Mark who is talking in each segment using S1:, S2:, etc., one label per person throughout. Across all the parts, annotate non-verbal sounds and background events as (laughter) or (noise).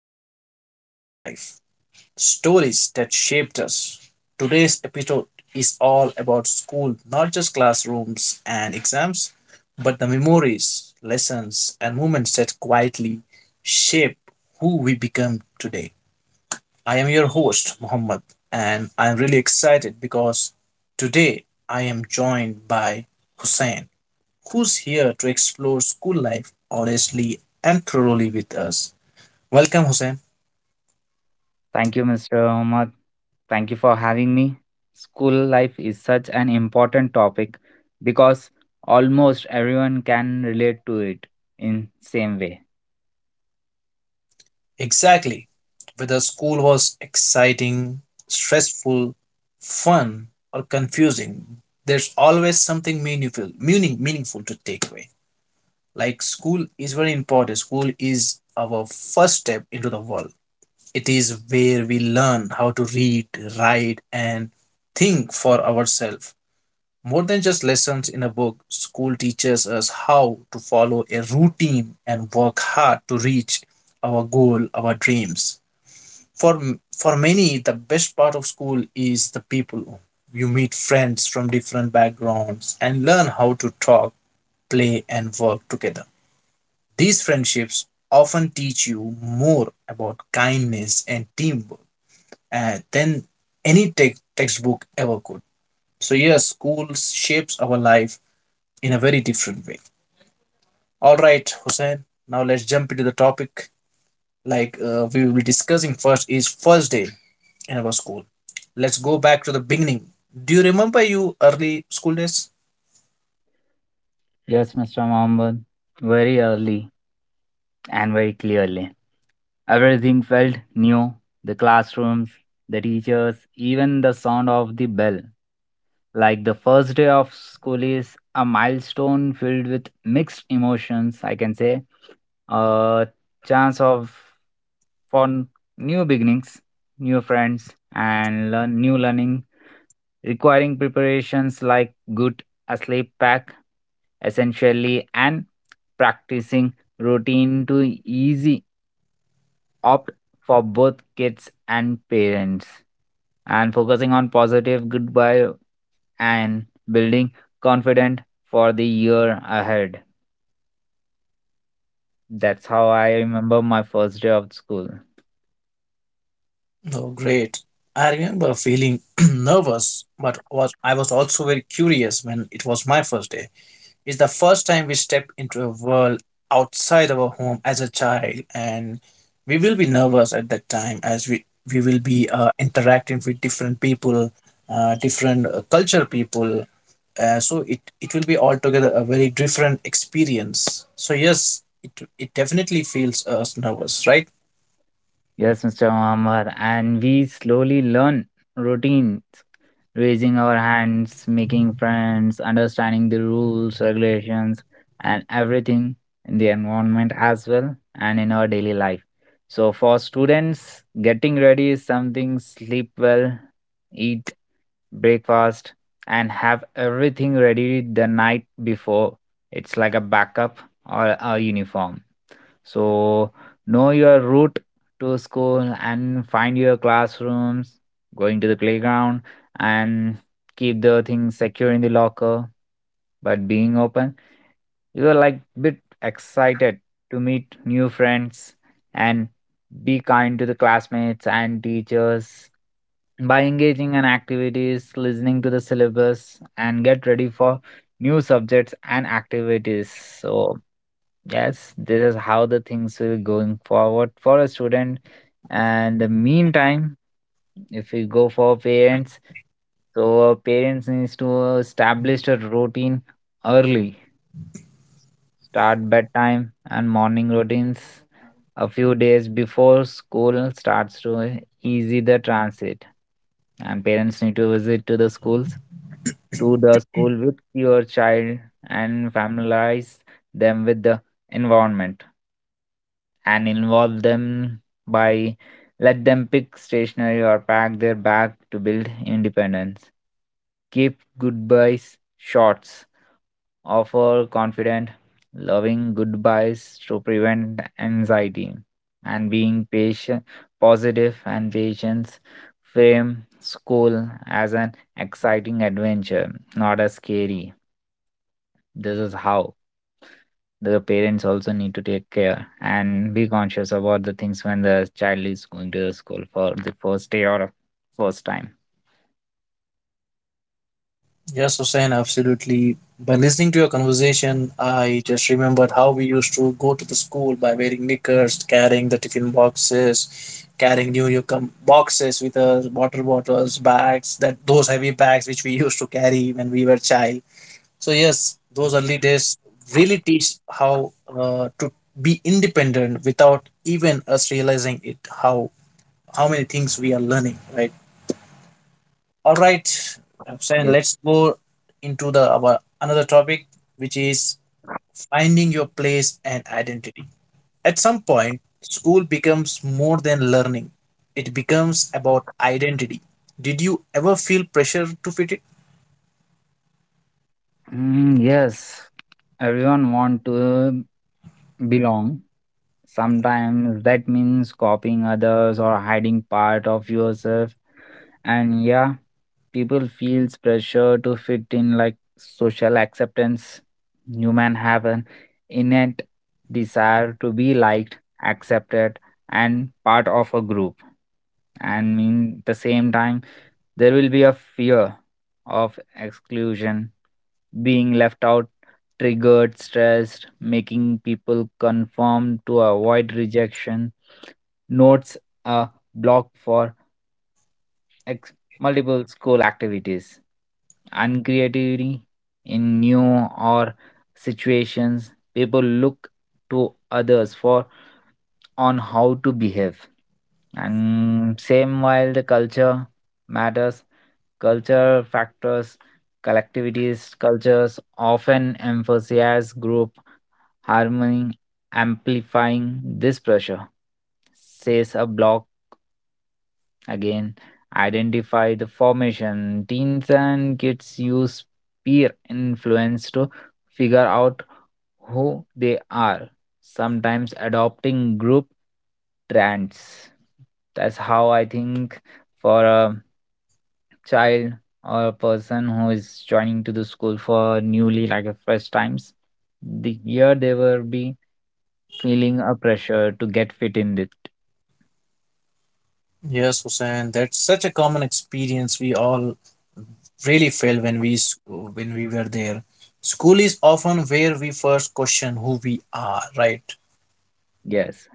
S1: Exploring School Life Stories that Shaped Us. Today's episode is all about school, not just classrooms and exams, but the memories, lessons, and moments that quietly shape who we become today. I am your host, Mohammed, and I'm really excited because today I am joined by Hussein, who's here to explore school life honestly and thoroughly with us. Welcome, Hussein.
S2: Thank you, Mr. Ahmad. Thank you for having me. School life is such an important topic because almost everyone can relate to it in same way.
S1: Exactly. Whether school was exciting, stressful, fun, or confusing, there's always something meaningful to take away. Like school is very important. School is our first step into the world. It is where we learn how to read, write, and think for ourselves. More than just lessons in a book, school teaches us how to follow a routine and work hard to reach our goal, our dreams. For, for many, the best part of school is the people. You meet friends from different backgrounds and learn how to talk, play, and work together. These friendships often teach you more about kindness and teamwork than any tech textbook ever could. So, yes, school shapes our life in a very different way. All right, Hussein. Now let's jump into the topic. We will be discussing first is first day in our school. Let's go back to the beginning. Do you remember you early school days?
S2: Yes, Mr. Mohammed, very early and very clearly. Everything felt new. The classrooms, the teachers, even the sound of the bell. Like the first day of school is a milestone filled with mixed emotions, I can say. A chance of for n- New beginnings, new friends, and learn new learning, requiring preparations like good sleep pack, essentially, and practicing routine to easy opt for both kids and parents, and focusing on positive goodbye and building confident for the year ahead. That's how I remember my first day of school.
S1: Oh, great. I remember feeling (clears throat) nervous, but was I was also very curious when it was my first day. It's the first time we step into a world outside our home as a child, and we will be nervous at that time as we will be interacting with different people, different culture people. So it will be altogether a very different experience. So yes, it definitely feels us nervous, right?
S2: Yes, Mr. Muhammad. And we slowly learn routines, raising our hands, making friends, understanding the rules, regulations, and everything in the environment as well and in our daily life. So, for students, getting ready is something sleep well, eat breakfast, and have everything ready the night before. It's like a backup or a uniform. So know your route to school and find your classrooms, going to the playground and keep the things secure in the locker, but being open. You are like bit excited to meet new friends and be kind to the classmates and teachers by engaging in activities, listening to the syllabus and get ready for new subjects and activities. So yes, this is how the things will going forward for a student. And the meantime, if we go for parents, so parents needs to establish a routine early, start bedtime and morning routines a few days before school starts to easy the transit. And parents need to visit to the school with your child and familiarize them with the environment and involve them by let them pick stationery or pack their bag to build independence. Keep goodbyes shorts. Offer confident, loving goodbyes to prevent anxiety. And being patient, positive, and patience. Frame school as an exciting adventure, not a scary. This is how the parents also need to take care and be conscious about the things when the child is going to the school for the first day or first time.
S1: Yes, Hussein, absolutely. By listening to your conversation, I just remembered how we used to go to the school by wearing knickers, carrying the tiffin boxes, carrying boxes with us, water bottles, bags, that those heavy bags which we (laughs) used to carry when we were child. So yes, those early days really teach how to be independent without even us realizing it. How many things we are learning, right? All right, Hussain,
S2: Yes.
S1: let's go into the our another topic, which is finding your place and identity. At some point, school becomes more than learning; it becomes about identity. Did you ever feel pressure to fit in?
S2: Mm, yes. Everyone want to belong. Sometimes that means copying others or hiding part of yourself, and yeah, people feels pressure to fit in like social acceptance. Human have an innate desire to be liked, accepted, and part of a group. And in the same time, there will be a fear of exclusion, being left out, triggered stressed, making people conform to avoid rejection, notes a block for multiple school activities and creativity. In new or situations, people look to others for on how to behave. And same while the culture matters, culture factors, collectivities cultures often emphasize group harmony, amplifying this pressure, says a blog. Again, identify the formation. Teens and kids use peer influence to figure out who they are, sometimes adopting group trends. That's how I think for a child or a person who is joining to the school for newly like a first times, the here they will be feeling a pressure to get fit in it.
S1: Yes, Hussein, that's such a common experience we all really felt when we were there. School is often where we first question who we are, right?
S2: Yes.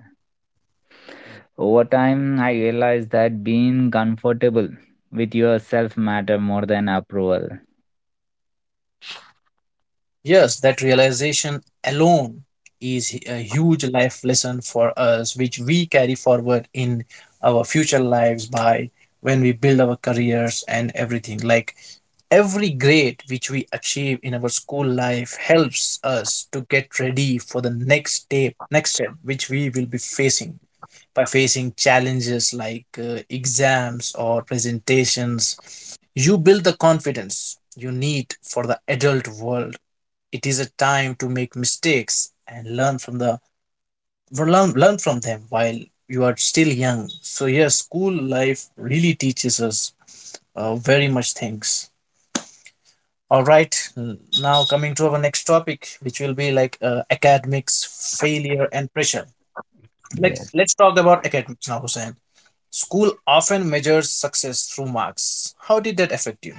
S2: Over time, I realized that being comfortable with yourself matter more than approval.
S1: Yes, that realization alone is a huge life lesson for us, which we carry forward in our future lives by when we build our careers and everything. Like every grade which we achieve in our school life helps us to get ready for the next step which we will be facing by facing challenges like exams or presentations. You build the confidence you need for the adult world. It is a time to make mistakes and learn from the learn from them while you are still young. So yes, school life really teaches us very much things. All right. Now coming to our next topic, which will be like academics failure and pressure. let's
S2: Yes.
S1: let's talk about academics now, Hussein. School often measures success through marks. How did that affect you?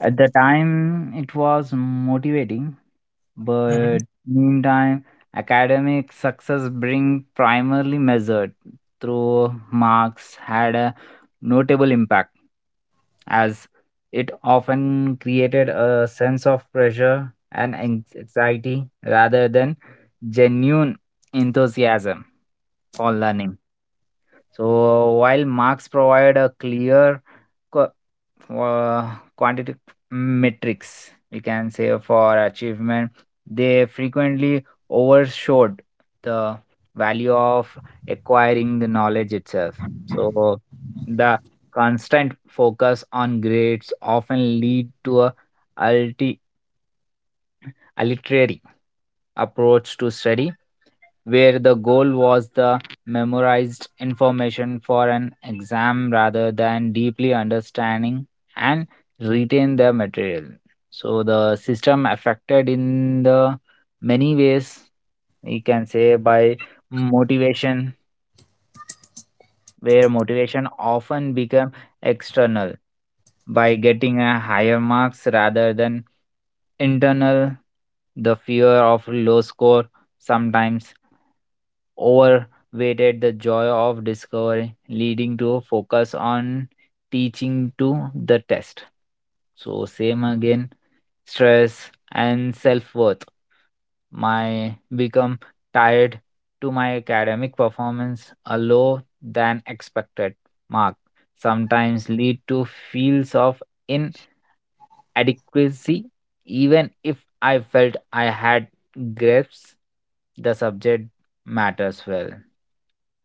S2: At the time, it was motivating,
S1: Mhm.
S2: but meantime, academic success being primarily measured through marks had a notable impact as it often created a sense of pressure and anxiety rather than genuine enthusiasm for learning. So while marks provide a clear co- uh, quantitative metrics, we can say for achievement, they frequently overshowed the value of acquiring the knowledge itself. So the constant focus on grades often lead to a alti- arbitrary approach to study where the goal was the memorized information for an exam rather than deeply understanding and retain the material. So the system affected in the many ways, we can say, by motivation, where motivation often become external by getting a higher marks rather than internal. The fear of low score sometimes overweighted the joy of discovery, leading to a focus on teaching to the test. So, same again, stress and self worth my become tied to my academic performance. A low than expected mark sometimes lead to feels of inadequacy even if I felt I had grips the subject matters well.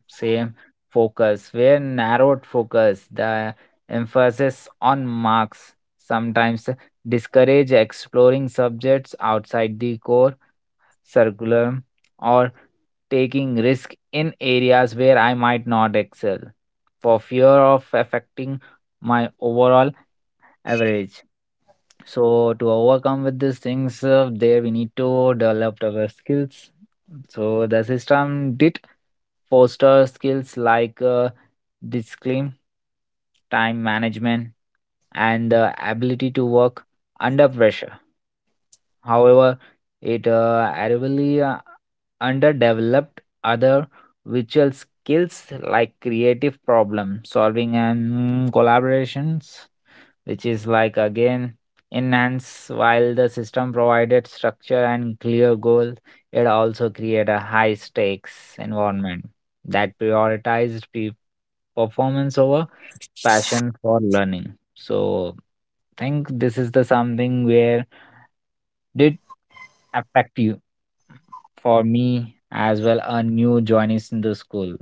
S2: Same focus, where narrowed focus, the emphasis on marks sometimes discourage exploring subjects outside the core curriculum or taking risk in areas where I might not excel for fear of affecting my overall average. So to overcome with these things, there we need to develop our skills. So the system did foster skills like discipline, time management, and the ability to work under pressure. However, it arrogantly underdeveloped other virtual skills like creative problem solving and collaborations, which is like again enhance. While the system provided structure and clear goal, it also create a high stakes environment that prioritized performance over passion for learning. So think this is the something where did affect you, for me as well a new joinees in the school,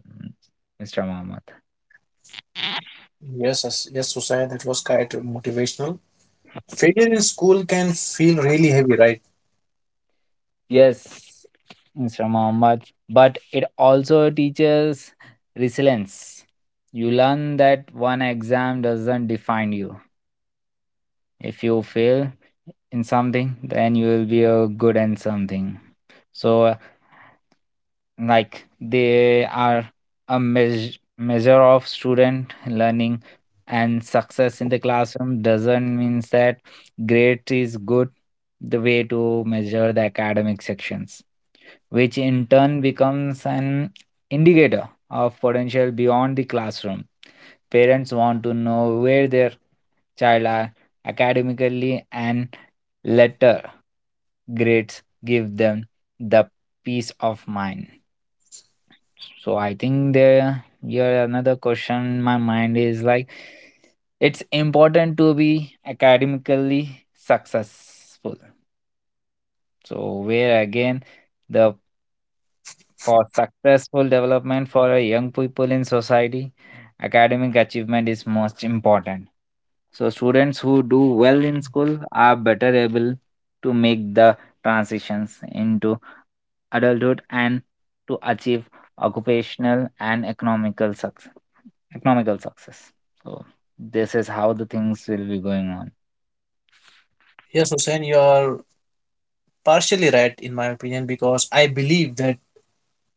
S2: Mr. Mohammed.
S1: Yes, yes, yes, Hussain, that was quite motivational. Failure in school can feel really heavy, right?
S2: Yes, Mr. Mohammed, but it also teaches resilience. You learn that one exam doesn't define you. If you fail in something, then you will be a good in something. So like they are a measure of student learning, and success in the classroom doesn't mean that grade is good, the way to measure the academic sections, which in turn becomes an indicator of potential beyond the classroom. Parents want to know where their child are academically, and letter grades give them the peace of mind. So I think there here another question in my mind is like it's important to be academically successful. So where again the for successful development for a young people in society, academic achievement is most important. So students who do well in school are better able to make the transitions into adulthood and to achieve occupational and economical success. So this is how the things will be going on.
S1: Yes, Hussein, you are partially right in my opinion, because I believe that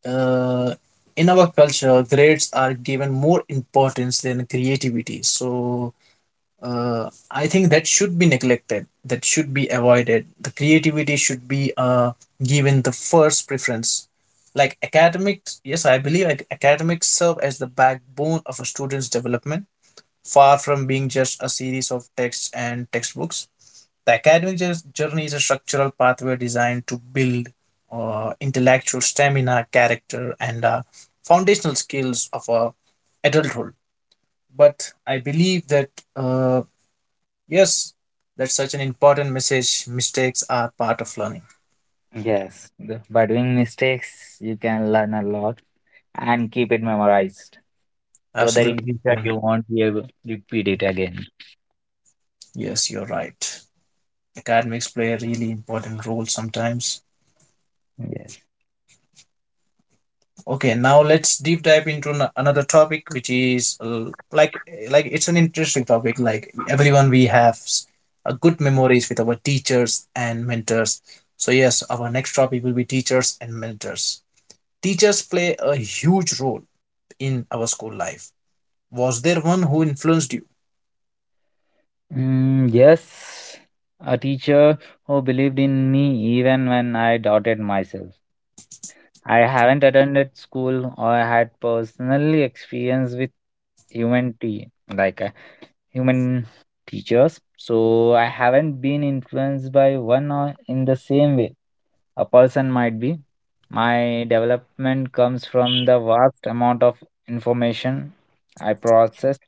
S1: uh, in our culture, grades are given more importance than creativity. So I think that should be neglected. That should be avoided. The creativity should be given the first preference. Like academics, yes, I believe academics serve as the backbone of a student's development. Far from being just a series of texts and textbooks, the academic journey is a structural pathway designed to build intellectual stamina, character, and foundational skills of adulthood. But I believe that, uh, yes, that's such an important message. Mistakes are part of learning.
S2: Yes, by doing mistakes, you can learn a lot and keep it memorized so that in
S1: Absolutely.
S2: future you won't be able to repeat it again.
S1: Yes, you're right. Academics play a really important role sometimes.
S2: Yes.
S1: Okay, now let's deep dive into another topic, which is like it's an interesting topic. Like everyone, we have a good memories with our teachers and mentors. So yes, our next topic will be teachers and mentors. Teachers play a huge role in our school life. Was there one who influenced you?
S2: Mm, yes. A teacher who believed in me even when I doubted myself. I haven't attended school or had personally experience with human tea. Like human teachers, so I haven't been influenced by one or in the same way a person might be. My development comes from the vast amount of information I process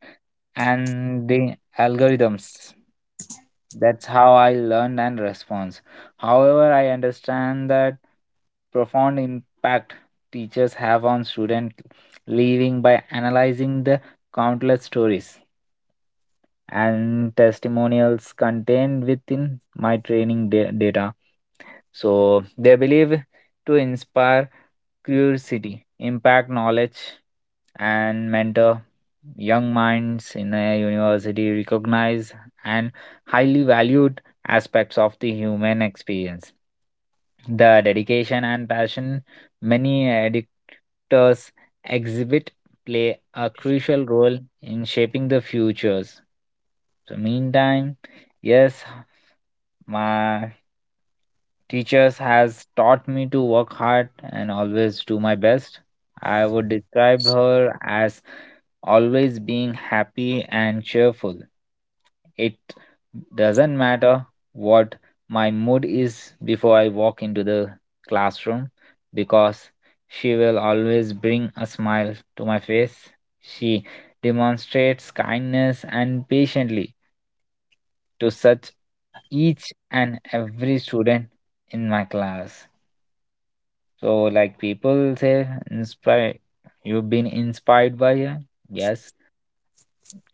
S2: and the algorithms. That's how I learn and respond. However, I understand that profound impact teachers have on students leaving by analyzing the countless stories and testimonials contained within my training data. So they believe to inspire curiosity, impact knowledge, and mentor young minds in a university recognize and highly valued aspects of the human experience. The dedication and passion many editors exhibit play a crucial role in shaping the futures. So meantime, yes, my teachers has taught me to work hard and always do my best. I would describe her as always being happy and cheerful. It doesn't matter what my mood is before I walk into the classroom because she will always bring a smile to my face. She demonstrates kindness and patiently to such each and every student in my class. So, like people say, inspire. You've been inspired by her. Yes,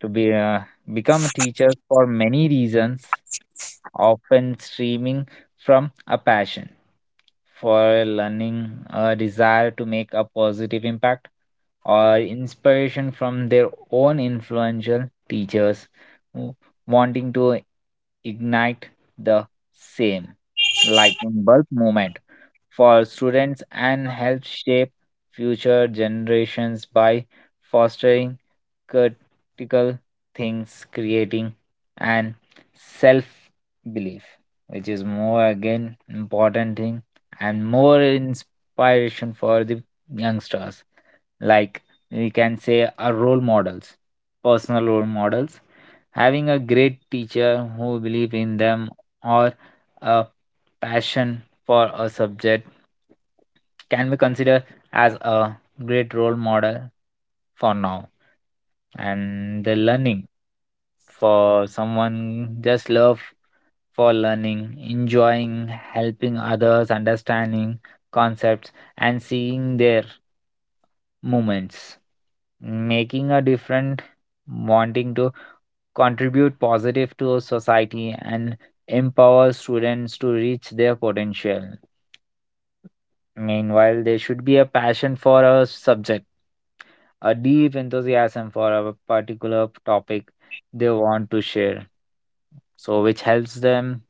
S2: to be become a teacher for many reasons, often streaming from a passion for learning, a desire to make a positive impact, or inspiration from their own influential teachers who wanting to ignite the same lightning bulb moment for students and help shape future generations by fostering critical things creating and self belief, which is more again important thing and more inspiration for the youngsters. Like we can say, our role models, personal role models. Having a great teacher who believe in them or a passion for a subject can be considered as a great role model for now. And the learning for someone just love for learning, enjoying, helping others, understanding concepts, and seeing their movements, making a difference, wanting to contribute positive to society and empower students to reach their potential. Meanwhile, there should be a passion for a subject, a deep enthusiasm for a particular topic they want to share, so which helps them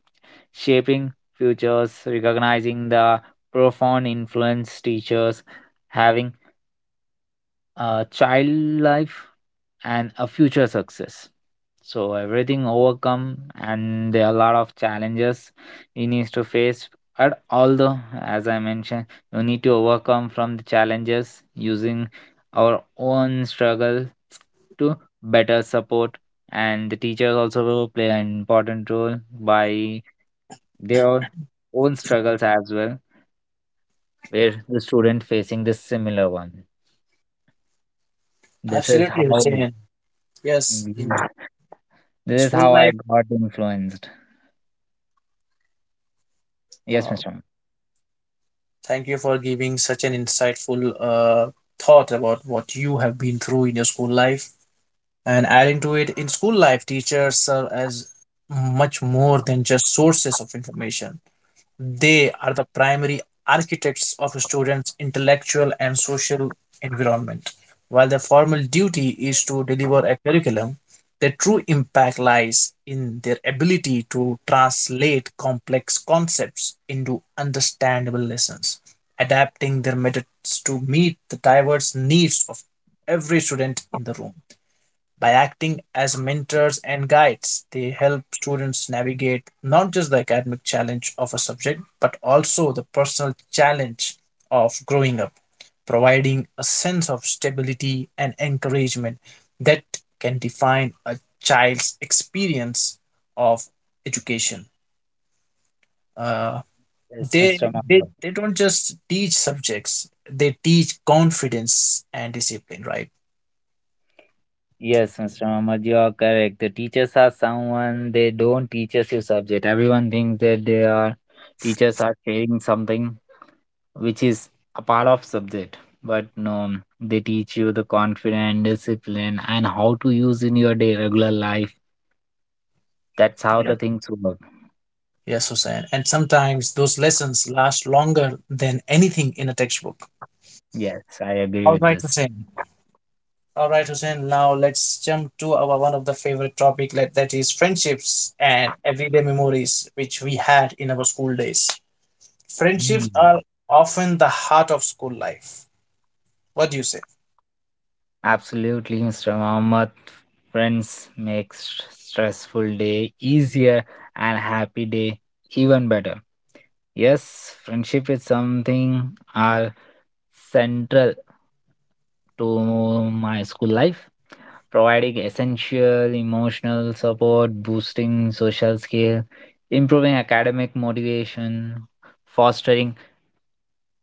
S2: shaping futures, recognizing the profound influence teachers having a child life and a future success. So everything overcome and there are a lot of challenges you need to face. But although as I mentioned, you need to overcome from the challenges using our own struggle to better support, and the teachers also will play an important role by their own struggles as well, where the student facing this similar one. This is how
S1: Absolutely, Hussein. Yes, in
S2: this is
S1: school
S2: how I
S1: life.
S2: got influenced. Yes,
S1: Uh,
S2: Mr. Mohammed.
S1: Thank you for giving such an insightful thought about what you have been through in your school life, and adding to it, in school life teachers serve as much more than just sources of information. They are the primary architects of a student's intellectual and social environment. While their formal duty is to deliver a curriculum, their true impact lies in their ability to translate complex concepts into understandable lessons, adapting their methods to meet the diverse needs of every student in the room. By acting as mentors and guides, they help students navigate not just the academic challenge of a subject, but also the personal challenge of growing up, providing a sense of stability and encouragement that can define a child's experience of education. Uh,
S2: Yes, Mr.
S1: they, they
S2: Mohammed.
S1: they don't just teach subjects; they teach confidence and discipline. Right?
S2: Yes, Mr. Mohammed, you are correct. The teachers are someone they don't teach us your subject. Everyone thinks that they are teachers are sharing something which is a part of subject. But no, they teach you the confidence, discipline, and how to use in your day regular life. That's how the
S1: Yes.
S2: things work.
S1: Yes, Hussein. And sometimes those lessons last longer than anything in a textbook.
S2: Yes, I agree
S1: All
S2: with
S1: right,
S2: this.
S1: Hussein. All right, Hussein. Now let's jump to our one of the favorite topic like, that is friendships and everyday memories which we had in our school days. Friendships
S2: Hmm.
S1: are often the heart of school life. What do you say?
S2: Absolutely, Mr. Mohammed. Friends make stressful day easier and happy day even better. Yes, friendship is something are central to my school life, providing essential emotional support, boosting social skill, improving academic motivation, fostering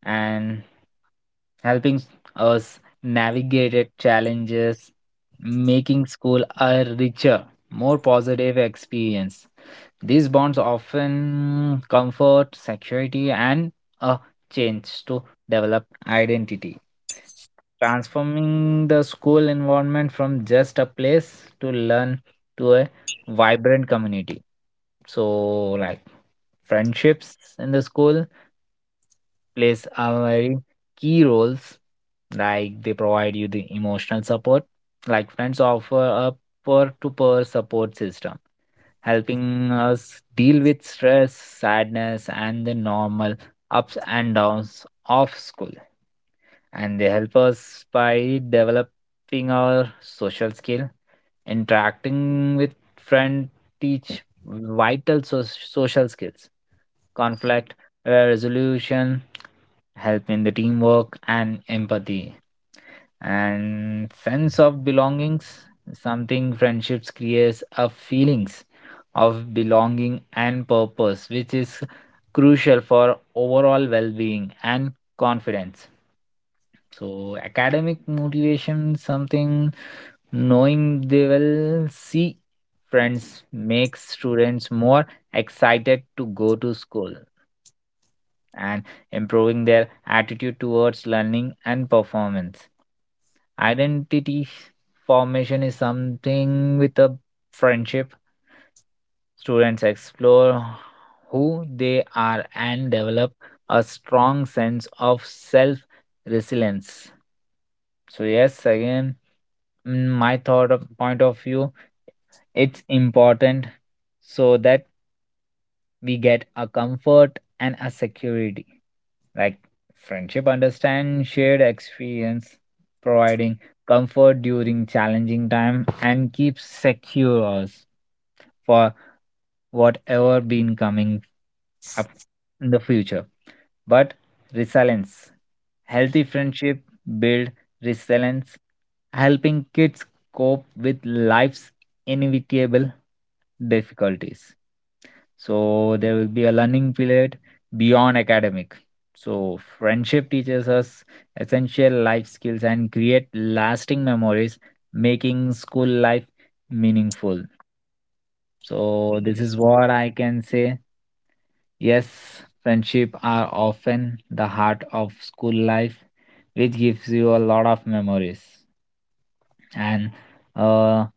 S2: and helping us navigate it challenges, making school a richer, more positive experience. These bonds often comfort, security, and a change to develop identity, transforming the school environment from just a place to learn to a vibrant community. So, like, friendships in the school plays a very key roles like they provide you the emotional support, like friends offer a peer-to-peer support system helping us deal with stress, sadness, and the normal ups and downs of school. And they help us by developing our social skill, interacting with friend, teach vital social skills, conflict, resolution, help in the teamwork and empathy, and sense of belongings. Something friendships creates a feelings of belonging and purpose which is crucial for overall well-being and confidence. So academic motivation, something knowing they will see friends makes students more excited to go to school and improving their attitude towards learning and performance. Identity formation is something with a friendship. Students explore who they are and develop a strong sense of self resilience. So, yes, again, my thought of point of view, it's important so that we get a comfort and a security. Like friendship understand shared experience, providing comfort during challenging time and keeps secure us for whatever been coming up in the future. But resilience, healthy friendship build resilience, helping kids cope with life's inevitable difficulties, so there will be a learning period beyond academic. So friendship teaches us essential life skills and create lasting memories, making school life meaningful. So this is what I can say. Yes, friendship are often the heart of school life, which gives you a lot of memories. And uh,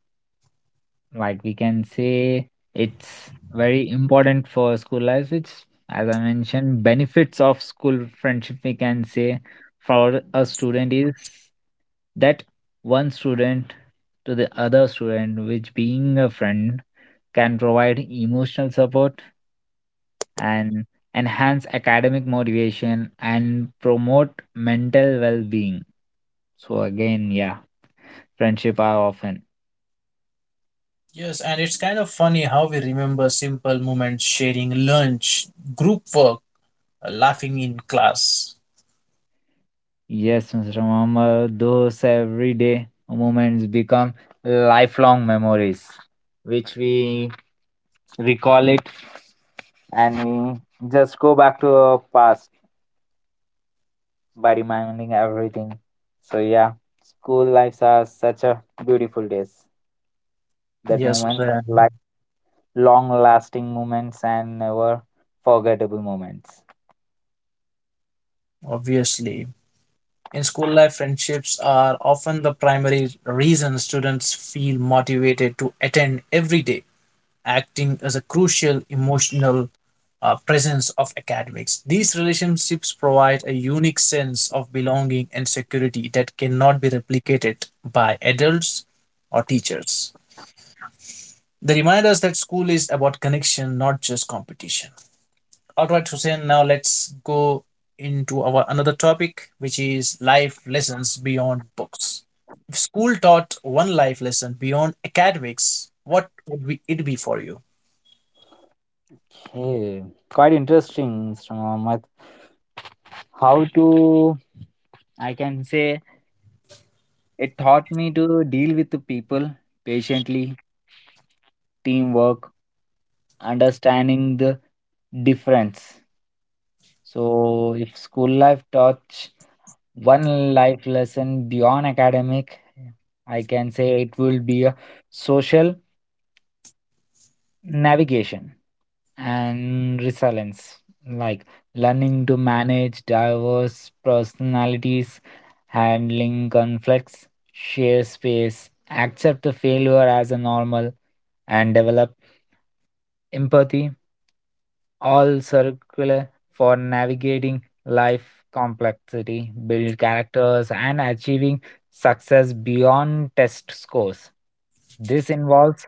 S2: like we can say it's very important for school life. Which, as I mentioned, benefits of school friendship, we can say, for a student is that one student to the other student, which being a friend can provide emotional support and enhance academic motivation and promote mental well being. So, again, yeah, friendship are often.
S1: Yes, and it's kind of funny how we remember simple moments, sharing lunch, group work, laughing in class.
S2: Yes, Mr. Muhammad, those everyday moments become lifelong memories, which we recall it and we just go back to our past by reminding everything. So yeah, school lives are such a beautiful days. That
S1: Yes,
S2: moments are
S1: Hussein.
S2: like long-lasting moments and never forgettable moments.
S1: Obviously, in school life, friendships are often the primary reason students feel motivated to attend every day, acting as a crucial emotional presence of academics. These relationships provide a unique sense of belonging and security that cannot be replicated by adults or teachers. They remind us that school is about connection, not just competition. All right, Hussein, now let's go into our another topic, which is life lessons beyond books. If school taught one life lesson beyond academics, what would it be for you?
S2: Okay, quite interesting, Mr. Muhammad. How to I can say, it taught me to deal with the people patiently, teamwork, understanding the difference. So, if school life taught one life lesson beyond academic, I can say it will be a social navigation and resilience, like learning to manage diverse personalities, handling conflicts, share space, accept the failure as a normal, and develop empathy, all circular for navigating life complexity, build characters, and achieving success beyond test scores. This involves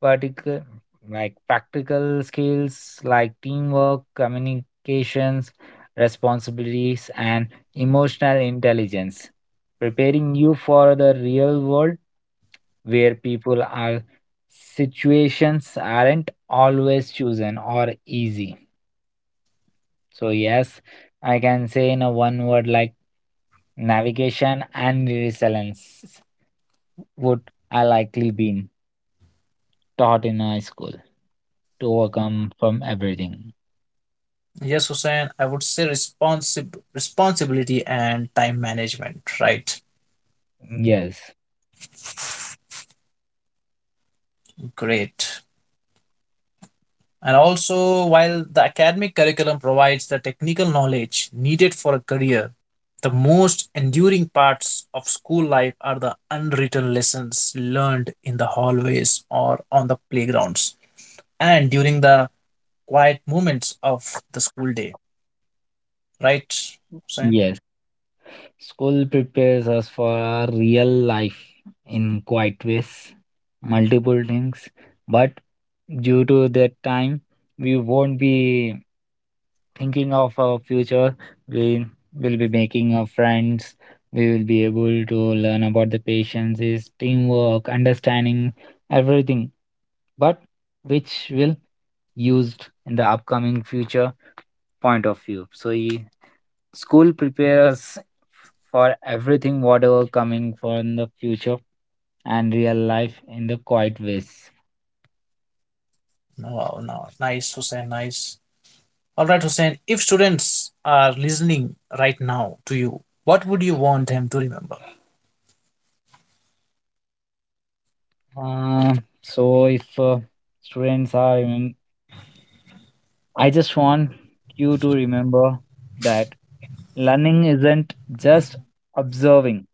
S2: particular like practical skills like teamwork, communications, responsibilities, and emotional intelligence, preparing you for the real world where people are situations aren't always chosen or easy. So yes, I can say in a one word like navigation and resilience would I likely been taught in high school, to overcome from everything.
S1: Yes, Hussein, I would say responsibility and time management, right?
S2: Yes,
S1: Great. And also, while the academic curriculum provides the technical knowledge needed for a career, the most enduring parts of school life are the unwritten lessons learned in the hallways or on the playgrounds and during the quiet moments of the school day. Right, Hussein?
S2: yes. School prepares us for our real life in quite ways, multiple things, but due to that time, we won't be thinking of our future. We will be making our friends, we will be able to learn about the patience is teamwork, understanding everything, but which will used in the upcoming future point of view. So school prepares us for everything whatever coming for in the future and real life in the quiet ways.
S1: No, no, nice, Hussein, nice. All right, Hussein, if students are listening right now to you, what would you want them to remember?
S2: Uh, so if students are, I just want you to remember that learning isn't just observing;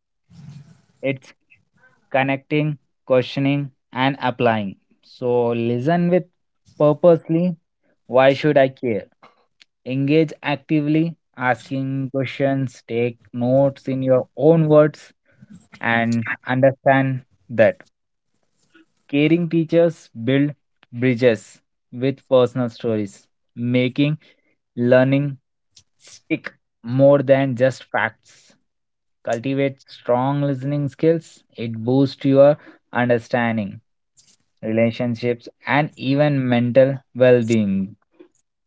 S2: it's connecting, questioning, and applying. So listen with purposely. Why should I care? Engage actively, asking questions, take notes in your own words, and understand that caring teachers build bridges with personal stories, making learning stick more than just facts. Cultivate strong listening skills, it boosts your understanding, relationships, and even mental well being.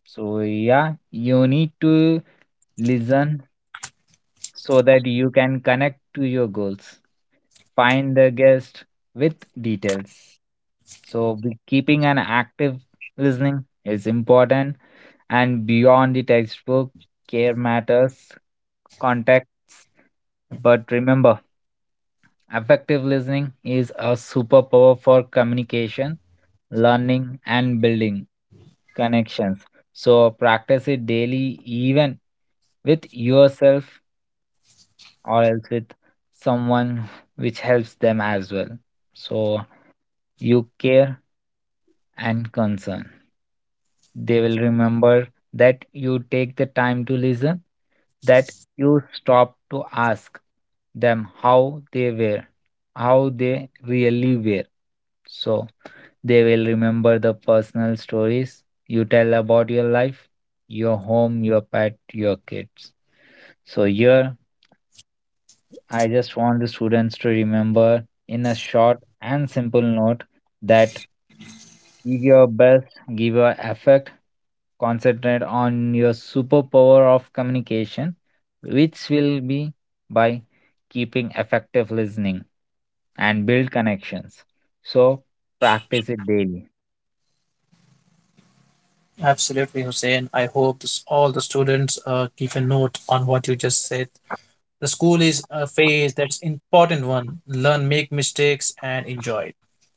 S2: So, yeah, you need to listen so that you can connect to your goals. Find the guest with details. So, keeping an active listening is important, and beyond the textbook, care matters, context. But remember, effective listening is a superpower for communication, learning, and building connections. So, practice it daily, even with yourself or else with someone which helps them as well. So you care and concern. They will remember that you take the time to listen, that you stop to ask them how they were, how they really were. So they will remember the personal stories you tell about your life, your home, your pet, your kids. So here I just want the students to remember in a short and simple note that give your best, give your effort, concentrate on your superpower of communication, which will be by keeping effective listening and build connections. So practice it daily.
S1: Absolutely, Hussein. I hope all the students keep a note on what you just said. The school is a phase that's important one. Learn, make mistakes, and enjoy it.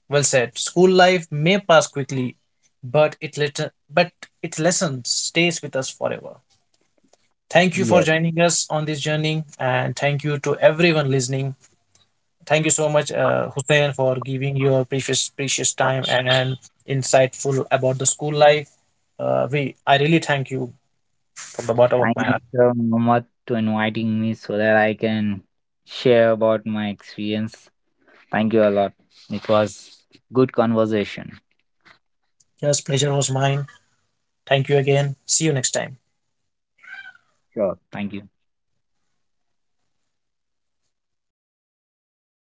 S1: Well said. School life may pass quickly, but its lesson stays with us forever. Thank you for
S2: Yes.
S1: joining us on this journey, and thank you to everyone listening. Thank you so much, Hussein, for giving your precious time and insightful about the school life. We I really thank you from the bottom of
S2: Thank
S1: my
S2: you
S1: heart.
S2: so much to inviting me so that I can share about my experience. Thank you a lot. It was good conversation.
S1: Yes, pleasure was mine. Thank you again. See you next time.
S2: Sure. Thank you.